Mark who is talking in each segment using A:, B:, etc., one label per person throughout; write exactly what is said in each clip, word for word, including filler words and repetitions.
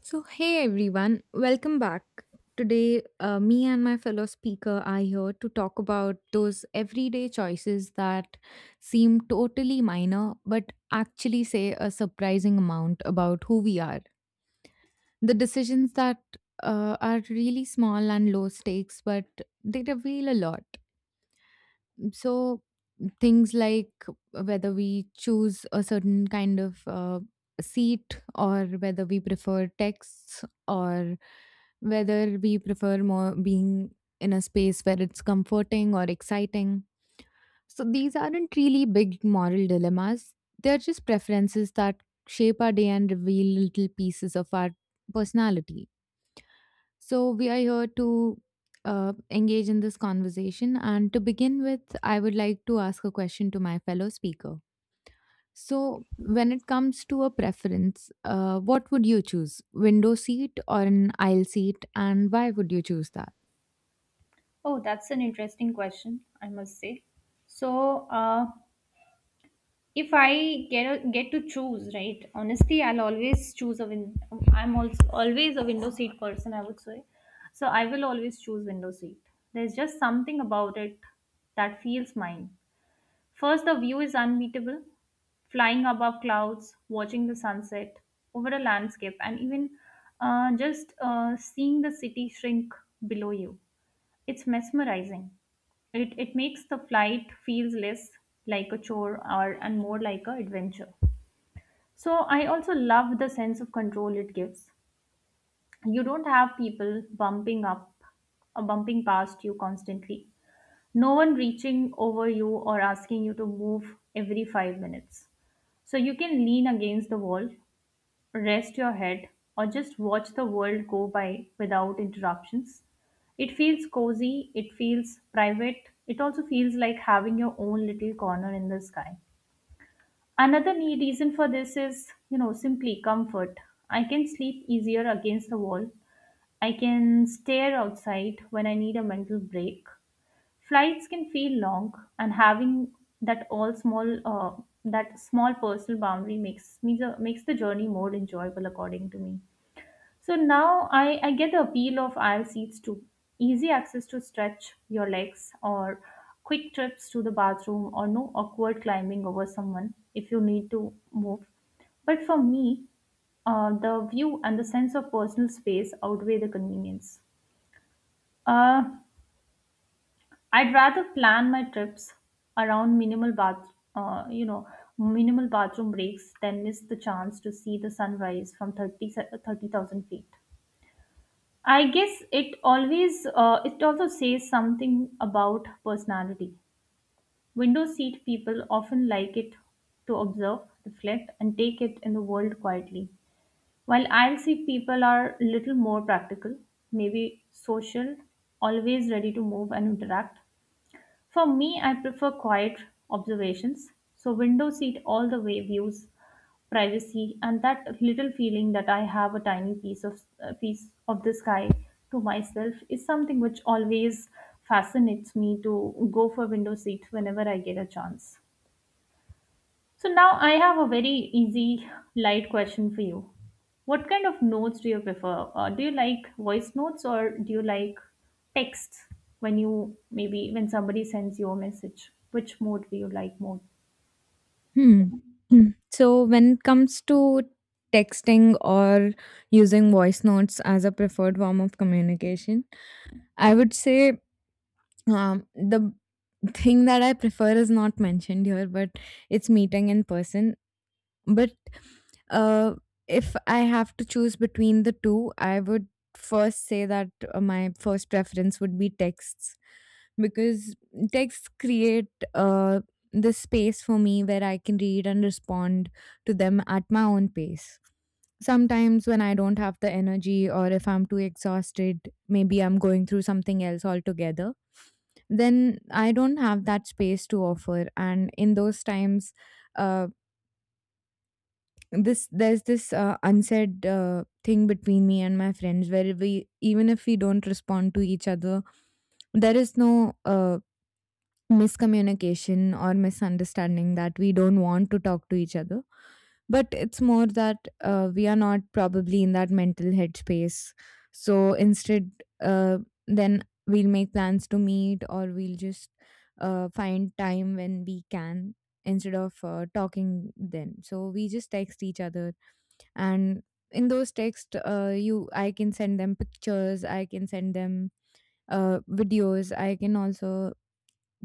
A: So, hey everyone, welcome back. Today, uh, me and my fellow speaker are here to talk about those everyday choices that seem totally minor but actually say a surprising amount about who we are. The decisions that uh, are really small and low stakes, but they reveal a lot. So things like whether we choose a certain kind of uh, seat or whether we prefer texts or whether we prefer more being in a space where it's comforting or exciting. So these aren't really big moral dilemmas. They're just preferences that shape our day and reveal little pieces of our personality. So, we are here to uh, engage in this conversation. And to begin with, I would like to ask a question to my fellow speaker. So, when it comes to a preference, uh, what would you choose? Window seat or an aisle seat? And why would you choose that?
B: Oh, that's an interesting question, I must say. So, uh, if I get a, get to choose, right? Honestly, I'll always choose a win. I'm also always a window seat person, I would say. So I will always choose window seat. There's just something about it that feels mine. First, the view is unbeatable. Flying above clouds, watching the sunset over a landscape, and even uh, just uh, seeing the city shrink below you. It's mesmerizing it, it makes the flight feels less like a chore or and more like a adventure. So I also love the sense of control it gives. You don't have people bumping up or bumping past you constantly. No one reaching over you or asking you to move every five minutes. So you can lean against the wall, rest your head, or just watch the world go by without interruptions. It feels cozy, it feels private, it also feels like having your own little corner in the sky. Another neat reason for this is, you know, simply comfort. I can sleep easier against the wall. I can stare outside when I need a mental break. Flights can feel long, and having that all small, uh, that small personal boundary makes me the, makes the journey more enjoyable, according to me. So now I, I get the appeal of aisle seats too. Easy access to stretch your legs, or quick trips to the bathroom, or no awkward climbing over someone if you need to move. But for me, uh, the view and the sense of personal space outweigh the convenience. Uh, I'd rather plan my trips around minimal bath, uh, you know, minimal bathroom breaks than miss the chance to see the sunrise from thirty, se- thirty thousand feet. I guess it always uh, it also says something about personality. Window seat people often like it to observe, reflect, and take it in the world quietly. While aisle seat people are little more practical, maybe social, always ready to move and interact. For me, I prefer quiet observations, so window seat all the way, views, privacy, and that little feeling that I have a tiny piece of uh, piece of the sky to myself is something which always fascinates me to go for window seat whenever I get a chance. So now I have a very easy, light question for you. What kind of notes do you prefer? Uh, do you like voice notes or do you like text when you maybe when somebody sends you a message? Which mode do you like more?
A: Hmm. Mm. So, when it comes to texting or using voice notes as a preferred form of communication, I would say um, the thing that I prefer is not mentioned here, but it's meeting in person. But uh, if I have to choose between the two, I would first say that uh, my first preference would be texts because texts create uh, this space for me where I can read and respond to them at my own pace. Sometimes, when I don't have the energy or if I'm too exhausted, maybe I'm going through something else altogether, then I don't have that space to offer. And in those times, uh, this there's this uh, unsaid uh, thing between me and my friends where, we even if we don't respond to each other, there is no uh, miscommunication or misunderstanding that we don't want to talk to each other, but it's more that uh, we are not probably in that mental headspace. So instead, uh, then we'll make plans to meet, or we'll just uh, find time when we can instead of uh, talking then, so we just text each other. And in those texts, uh, you I can send them pictures, I can send them uh, videos, I can also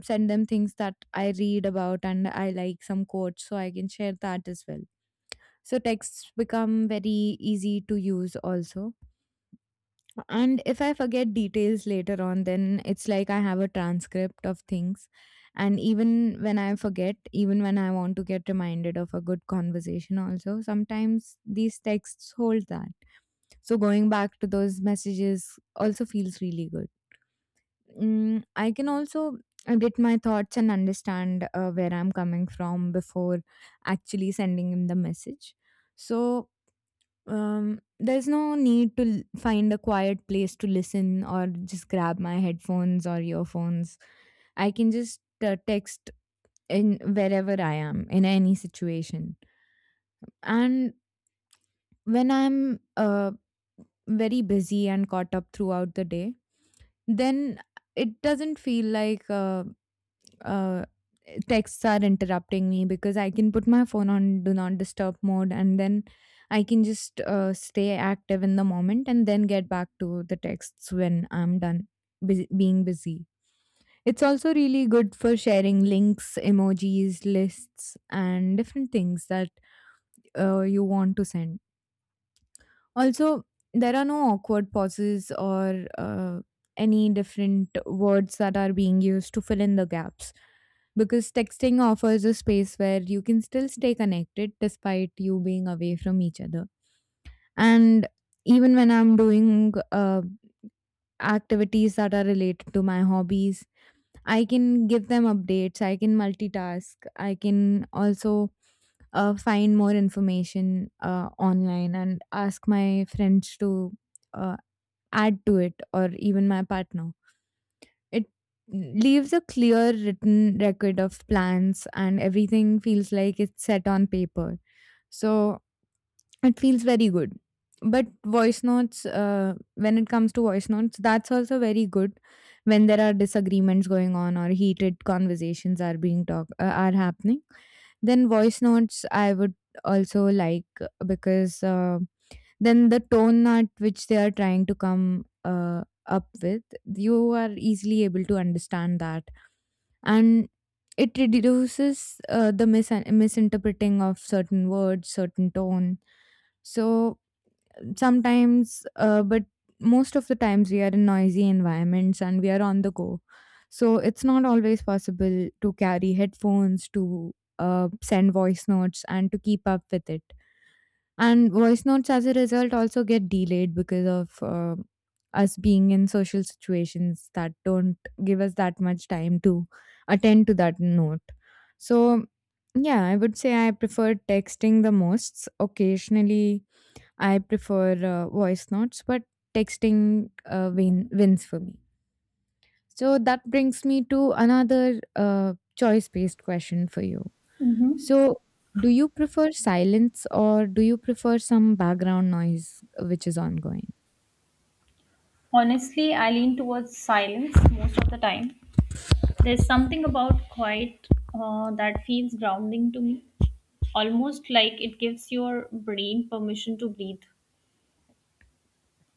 A: send them things that I read about and I like some quotes, so I can share that as well. So texts become very easy to use also. And if I forget details later on, then it's like I have a transcript of things. And even when I forget, even when I want to get reminded of a good conversation, also, sometimes these texts hold that. So going back to those messages also feels really good. Mm, I can also get my thoughts and understand uh, where I'm coming from before actually sending him the message. So Um, there's no need to l- find a quiet place to listen or just grab my headphones or earphones. I can just uh, text in wherever I am in any situation. And when I'm uh, very busy and caught up throughout the day, then it doesn't feel like uh, uh, texts are interrupting me, because I can put my phone on do not disturb mode, and then I can just uh, stay active in the moment and then get back to the texts when I'm done busy, being busy. It's also really good for sharing links, emojis, lists, and different things that uh, you want to send. Also, there are no awkward pauses or uh, any different words that are being used to fill in the gaps, because texting offers a space where you can still stay connected despite you being away from each other. And even when I'm doing uh, activities that are related to my hobbies, I can give them updates, I can multitask, I can also uh, find more information uh, online and ask my friends to. Uh, Add to it, or even my partner. It leaves a clear written record of plans, and everything feels like it's set on paper. So it feels very good. But voice notes, uh, when it comes to voice notes, that's also very good when there are disagreements going on or heated conversations are being talk uh, are happening. Then voice notes I would also like because uh, then the tone at which they are trying to come uh, up with, you are easily able to understand that. And it reduces uh, the mis- misinterpreting of certain words, certain tone. So sometimes, uh, but most of the times, we are in noisy environments and we are on the go. So it's not always possible to carry headphones, to uh, send voice notes, and to keep up with it, and voice notes, as a result, also get delayed because of uh, us being in social situations that don't give us that much time to attend to that note. So, yeah, I would say I prefer texting the most. Occasionally, I prefer uh, voice notes, but texting uh, win- wins for me. So, that brings me to another uh, choice based question for you.
B: Mm-hmm.
A: So, do you prefer silence, or do you prefer some background noise uh, which is ongoing?
B: Honestly, I lean towards silence most of the time. There's something about quiet uh, that feels grounding to me, almost like it gives your brain permission to breathe.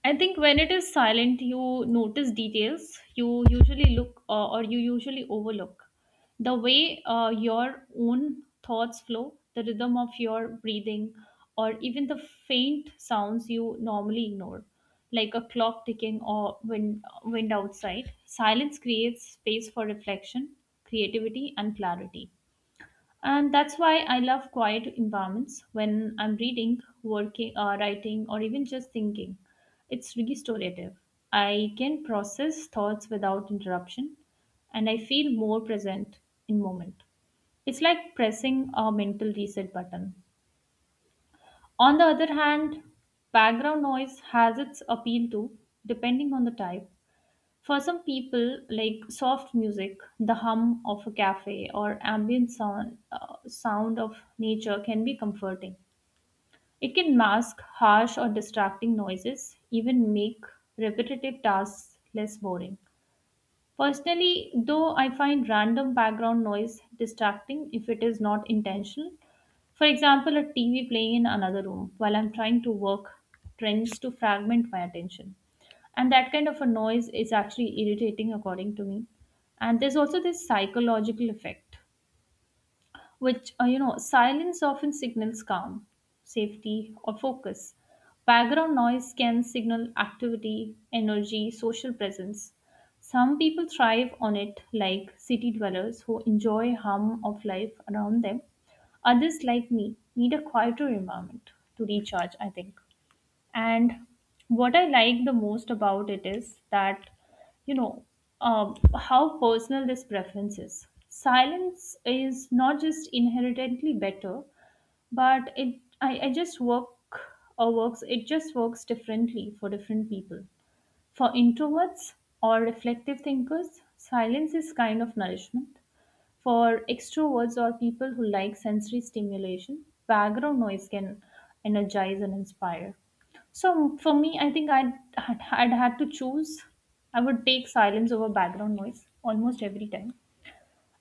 B: I think when it is silent, you notice details you usually look uh, or you usually overlook. The way uh, your own thoughts flow, the rhythm of your breathing, or even the faint sounds you normally ignore, like a clock ticking or wind, wind outside. Silence creates space for reflection, creativity, and clarity. And that's why I love quiet environments when I'm reading, working, uh, writing, or even just thinking. It's restorative. I can process thoughts without interruption, and I feel more present in moment. It's like pressing a mental reset button. On the other hand, background noise has its appeal too, depending on the type. For some people, like soft music, the hum of a cafe or ambient sound, uh, sound of nature can be comforting. It can mask harsh or distracting noises, even make repetitive tasks less boring. Personally, though, I find random background noise distracting if it is not intentional. For example, a T V playing in another room while I'm trying to work trends to fragment my attention. And that kind of a noise is actually irritating, according to me. And there's also this psychological effect which uh, you know silence often signals calm, safety or focus. Background noise can signal activity, energy, social presence. Some people thrive on it, like city dwellers who enjoy hum of life around them. Others like me need a quieter environment to recharge, I think. And what I like the most about it is that, you know, um, how personal this preference is. Silence is not just inherently better, but it I, I just work or works it just works differently for different people. For introverts or reflective thinkers, silence is kind of nourishment. For extroverts or people who like sensory stimulation, background noise can energize and inspire. So for me, I think I'd, I'd I'd had to choose. I would take silence over background noise almost every time.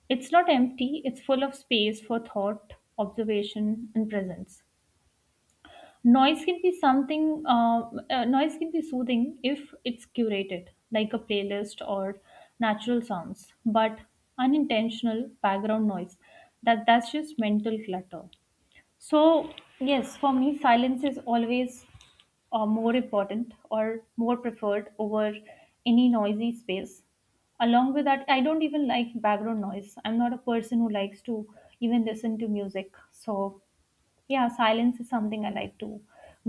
B: It's not empty, it's full of space for thought, observation, and presence. Noise can be something, uh, uh, noise can be soothing if it's curated, like a playlist or natural sounds, but unintentional background noise, that that's just mental clutter. So yes, for me, silence is always uh, more important or more preferred over any noisy space. Along with that, I don't even like background noise. I'm not a person who likes to even listen to music. So yeah, silence is something I like to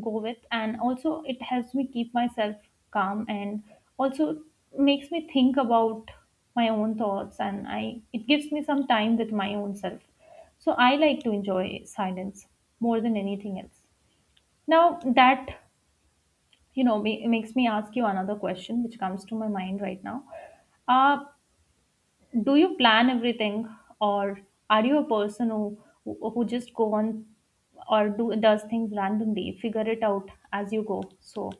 B: go with, and also it helps me keep myself calm and also makes me think about my own thoughts, and I it gives me some time with my own self. So I like to enjoy silence more than anything else. Now that you know ma- makes me ask you another question which comes to my mind right now. Uh, do you plan everything, or are you a person who who just go on or do does things randomly, figure it out as you go? So,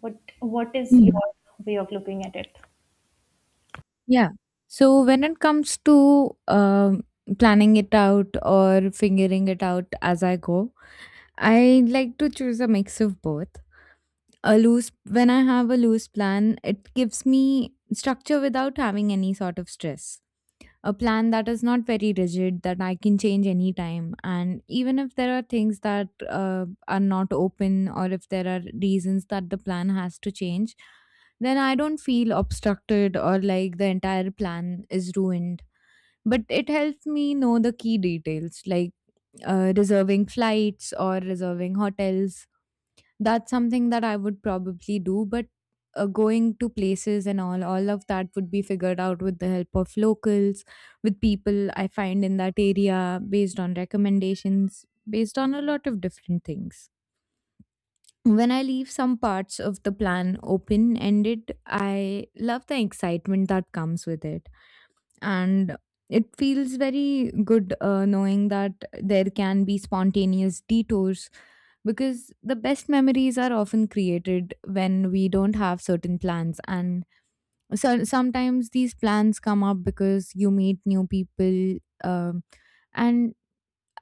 B: what what is
A: Hmm.
B: your way of looking at it?
A: Yeah. So when it comes to um planning it out or figuring it out as I go, I like to choose a mix of both. A loose When I have a loose plan, it gives me structure without having any sort of stress. A plan that is not very rigid, that I can change anytime, and even if there are things that uh, are not open, or if there are reasons that the plan has to change, then I don't feel obstructed or like the entire plan is ruined. But it helps me know the key details, like uh, reserving flights or reserving hotels. That's something that I would probably do, but uh, going to places and all, all of that would be figured out with the help of locals, with people I find in that area, based on recommendations, based on a lot of different things. When I leave some parts of the plan open ended, I love the excitement that comes with it, and it feels very good uh, knowing that there can be spontaneous detours, because the best memories are often created when we don't have certain plans. And so sometimes these plans come up because you meet new people, um and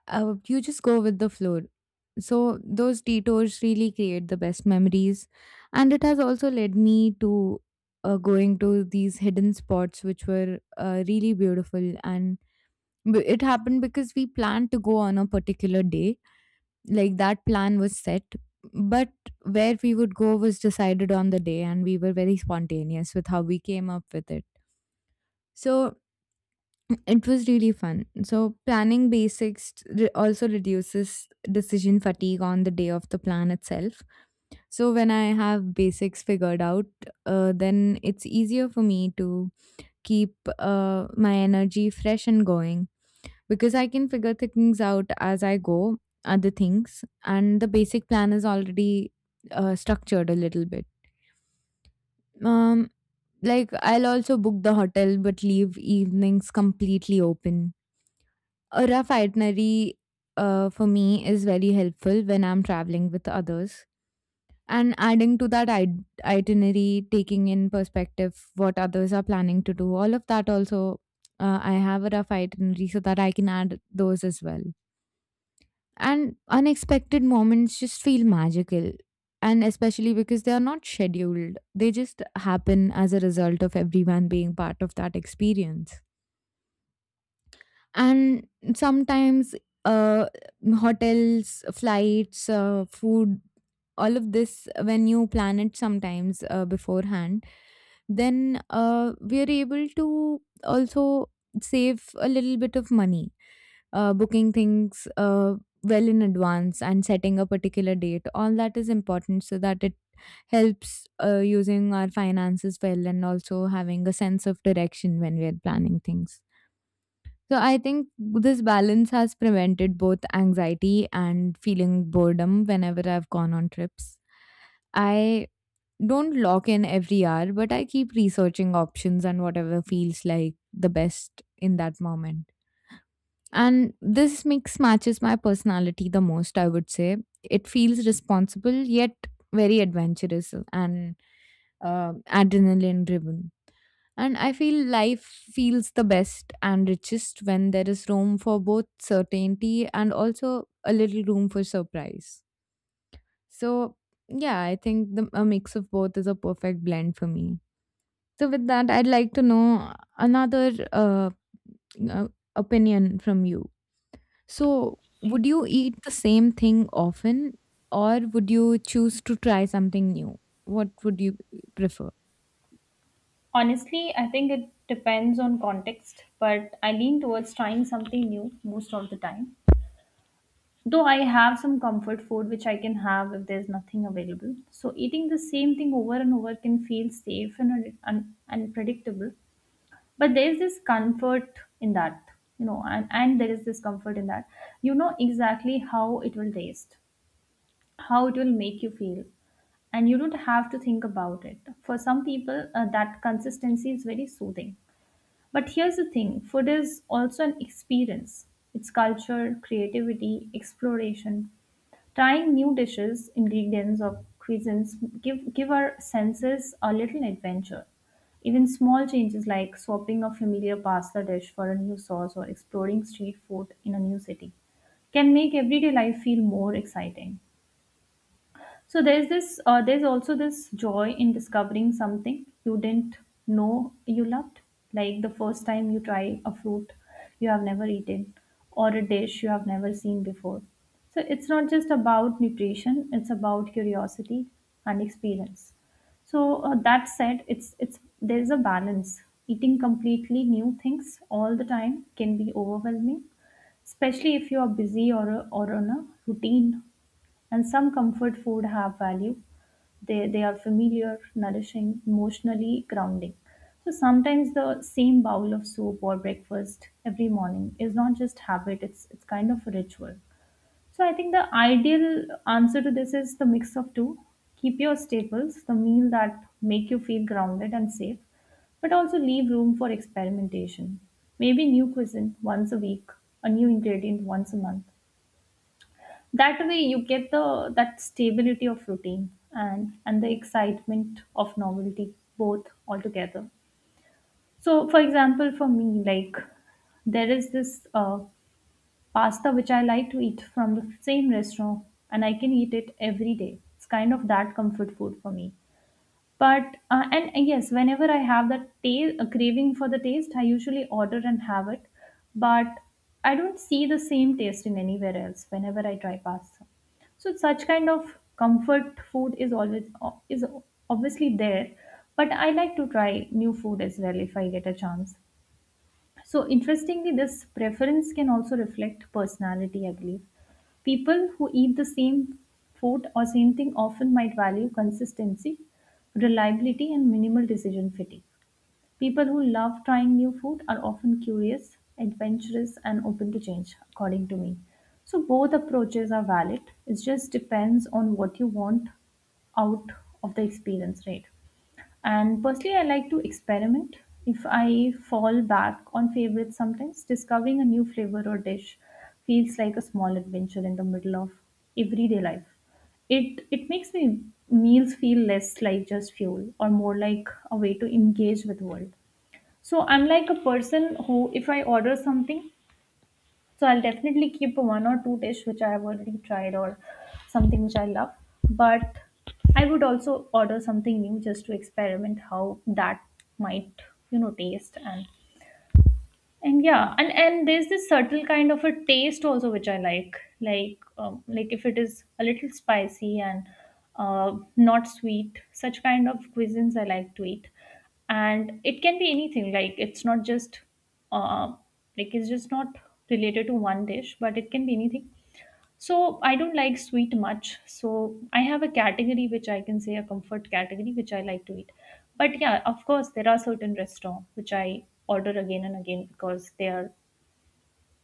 A: uh, you just go with the flow. So those detours really create the best memories, and it has also led me to uh, going to these hidden spots, which were uh, really beautiful. And b- it happened because we planned to go on a particular day, like that plan was set, but where we would go was decided on the day, and we were very spontaneous with how we came up with it. So it was really fun. So, planning basics re- also reduces decision fatigue on the day of the plan itself. So, when I have basics figured out, uh, then it's easier for me to keep uh, my energy fresh and going, because I can figure things out as I go, other things, and the basic plan is already uh, structured a little bit. Um, like, I'll also book the hotel but leave evenings completely open. A rough itinerary, uh, for me, is very helpful when I'm traveling with others. And adding to that it- itinerary, taking in perspective what others are planning to do, all of that also, uh, I have a rough itinerary so that I can add those as well. And unexpected moments just feel magical. And especially because they are not scheduled, they just happen as a result of everyone being part of that experience. And sometimes uh, hotels, flights, uh, food, all of this, when you plan it sometimes uh, beforehand, then uh, we are able to also save a little bit of money uh, booking things uh, well in advance and setting a particular date. All that is important so that it helps uh, using our finances well, and also having a sense of direction when we are planning things. So I think this balance has prevented both anxiety and feeling boredom whenever I've gone on trips. I don't lock in every hour, but I keep researching options and whatever feels like the best in that moment. And this mix matches my personality the most, I would say. It feels responsible yet very adventurous and uh, adrenaline driven. And I feel life feels the best and richest when there is room for both certainty and also a little room for surprise. So, yeah, I think the, a mix of both is a perfect blend for me. So, with that, I'd like to know another uh, uh, opinion from you. So, would you eat the same thing often, or would you choose to try something new? What would you prefer?
B: Honestly, I think it depends on context, but I lean towards trying something new most of the time. Though I have some comfort food which I can have if there's nothing available. So eating the same thing over and over can feel safe and un- un- unpredictable. But there's this comfort in that you know and, and there is this comfort in that you know exactly how it will taste, how it will make you feel, and you don't have to think about it. For some people, uh, that consistency is very soothing. But here's the thing, food is also an experience. It's culture, creativity, exploration. Trying new dishes, ingredients, or cuisines give, give our senses a little adventure. Even small changes like swapping a familiar pasta dish for a new sauce or exploring street food in a new city can make everyday life feel more exciting. So there's this uh, there's also this joy in discovering something you didn't know you loved. Like the first time you try a fruit you have never eaten or a dish you have never seen before. So it's not just about nutrition, it's about curiosity and experience. So uh, that said, it's it's there's a balance. Eating completely new things all the time can be overwhelming, especially if you are busy or or on a routine, and some comfort food have value. They they are familiar, nourishing, emotionally grounding. So sometimes the same bowl of soup or breakfast every morning is not just habit, it's it's kind of a ritual. So I think the ideal answer to this is the mix of two. Keep your staples, the meal that make you feel grounded and safe, but also leave room for experimentation. Maybe new cuisine once a week, a new ingredient once a month. That way you get the that stability of routine and and the excitement of novelty both altogether. So for example, for me, like there is this uh, pasta which I like to eat from the same restaurant, and I can eat it every day. It's kind of that comfort food for me. But uh, and uh, yes, whenever I have that ta- a craving for the taste, I usually order and have it. But I don't see the same taste in anywhere else whenever I try pasta. So such kind of comfort food is always uh, is obviously there, but I like to try new food as well if I get a chance. So interestingly, this preference can also reflect personality, I believe. People who eat the same food or same thing often might value consistency, reliability, and minimal decision fatigue. People who love trying new food are often curious, adventurous, and open to change, according to me. So both approaches are valid. It just depends on what you want out of the experience, right? And personally, I like to experiment. If I fall back on favorites sometimes, discovering a new flavor or dish feels like a small adventure in the middle of everyday life. It it makes me meals feel less like just fuel or more like a way to engage with world. So I'm like a person who if I order something, so I'll definitely keep one or two dish which I've already tried or something which I love. But I would also order something new just to experiment how that might, you know, taste. and and yeah, and and there's this subtle kind of a taste also which I like like um, like if it is a little spicy and uh, not sweet. Such kind of cuisines I like to eat, and it can be anything. Like it's not just uh, like it's just not related to one dish, but it can be anything. So I don't like sweet much. So I have a category which I can say a comfort category which I like to eat. But yeah, of course there are certain restaurants which I order again and again because they are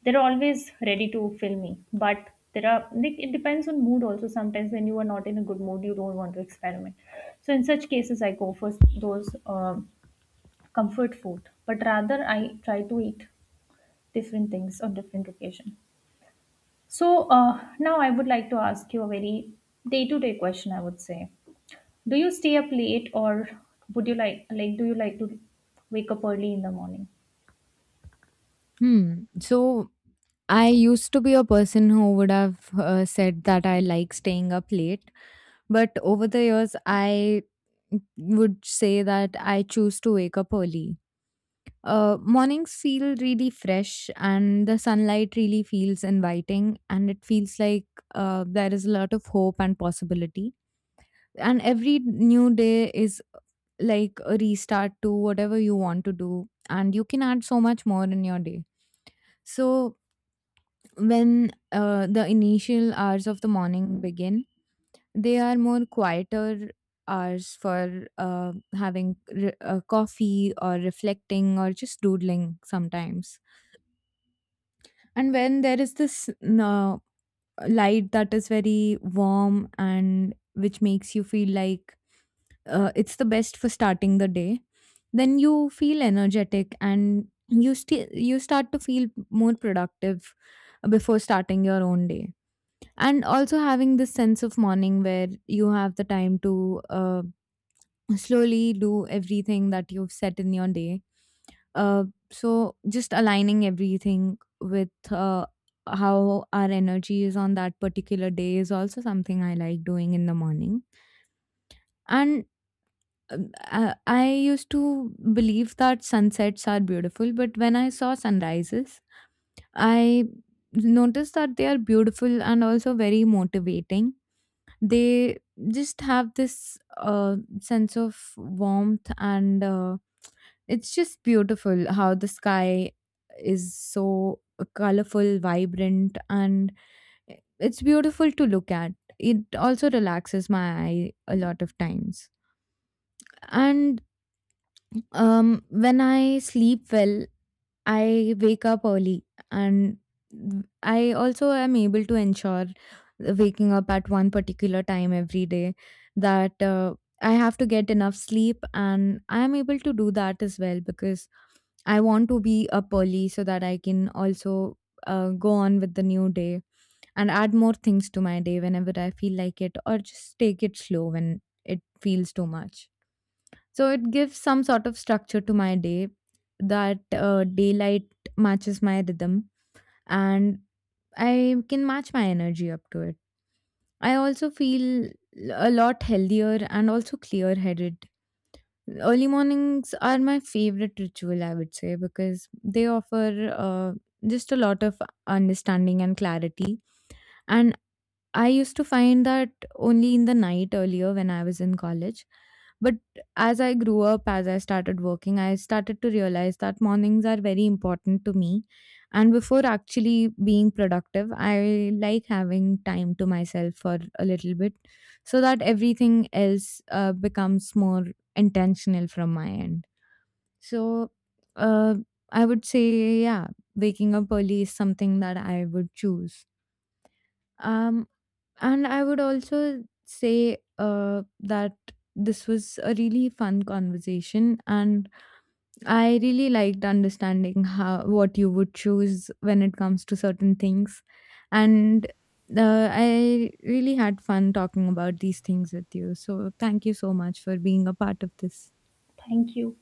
B: they're always ready to fill me. But there are, like, it depends on mood also. Sometimes when you are not in a good mood, you don't want to experiment. So in such cases, I go for those um comfort food. But rather, I try to eat different things on different occasion. So uh, now I would like to ask you a very day-to-day question, I would say. Do you stay up late or would you like like do you like to wake up early in the morning?
A: Hmm. So, I used to be a person who would have uh, said that I like staying up late. But over the years, I would say that I choose to wake up early. Uh, mornings feel really fresh, and the sunlight really feels inviting, and it feels like uh, there is a lot of hope and possibility. And every new day is like a restart to whatever you want to do, and you can add so much more in your day. So, when uh, the initial hours of the morning begin, they are more quieter hours for uh, having re- uh, coffee or reflecting or just doodling sometimes. And when there is this uh, light that is very warm and which makes you feel like uh, it's the best for starting the day, then you feel energetic and you st- you start to feel more productive before starting your own day, and also having this sense of morning where you have the time to uh, slowly do everything that you've set in your day. Uh, so just aligning everything with uh, how our energy is on that particular day is also something I like doing in the morning. And um, I, I used to believe that sunsets are beautiful, but when I saw sunrises, I noticed that they are beautiful and also very motivating. They just have this uh, sense of warmth, and uh, It's just beautiful how the sky is so colorful, vibrant, and it's beautiful to look at. It also relaxes my eye a lot of times. And um, when I sleep well, I wake up early, and I also am able to ensure waking up at one particular time every day, that uh, I have to get enough sleep, and I am able to do that as well because I want to be up early so that I can also uh, go on with the new day and add more things to my day whenever I feel like it, or just take it slow when it feels too much. So it gives some sort of structure to my day, that uh, daylight matches my rhythm and I can match my energy up to it. I also feel a lot healthier and also clear headed. Early mornings are my favorite ritual, I would say, because they offer uh, just a lot of understanding and clarity. And I used to find that only in the night earlier when I was in college. But as I grew up, as I started working, I started to realize that mornings are very important to me. And before actually being productive, I like having time to myself for a little bit so that everything else uh, becomes more intentional from my end. So uh, I would say, yeah, waking up early is something that I would choose. Um, and I would also say uh, that this was a really fun conversation, and I really liked understanding how what you would choose when it comes to certain things, and uh, I really had fun talking about these things with you. So thank you so much for being a part of this.
B: Thank you.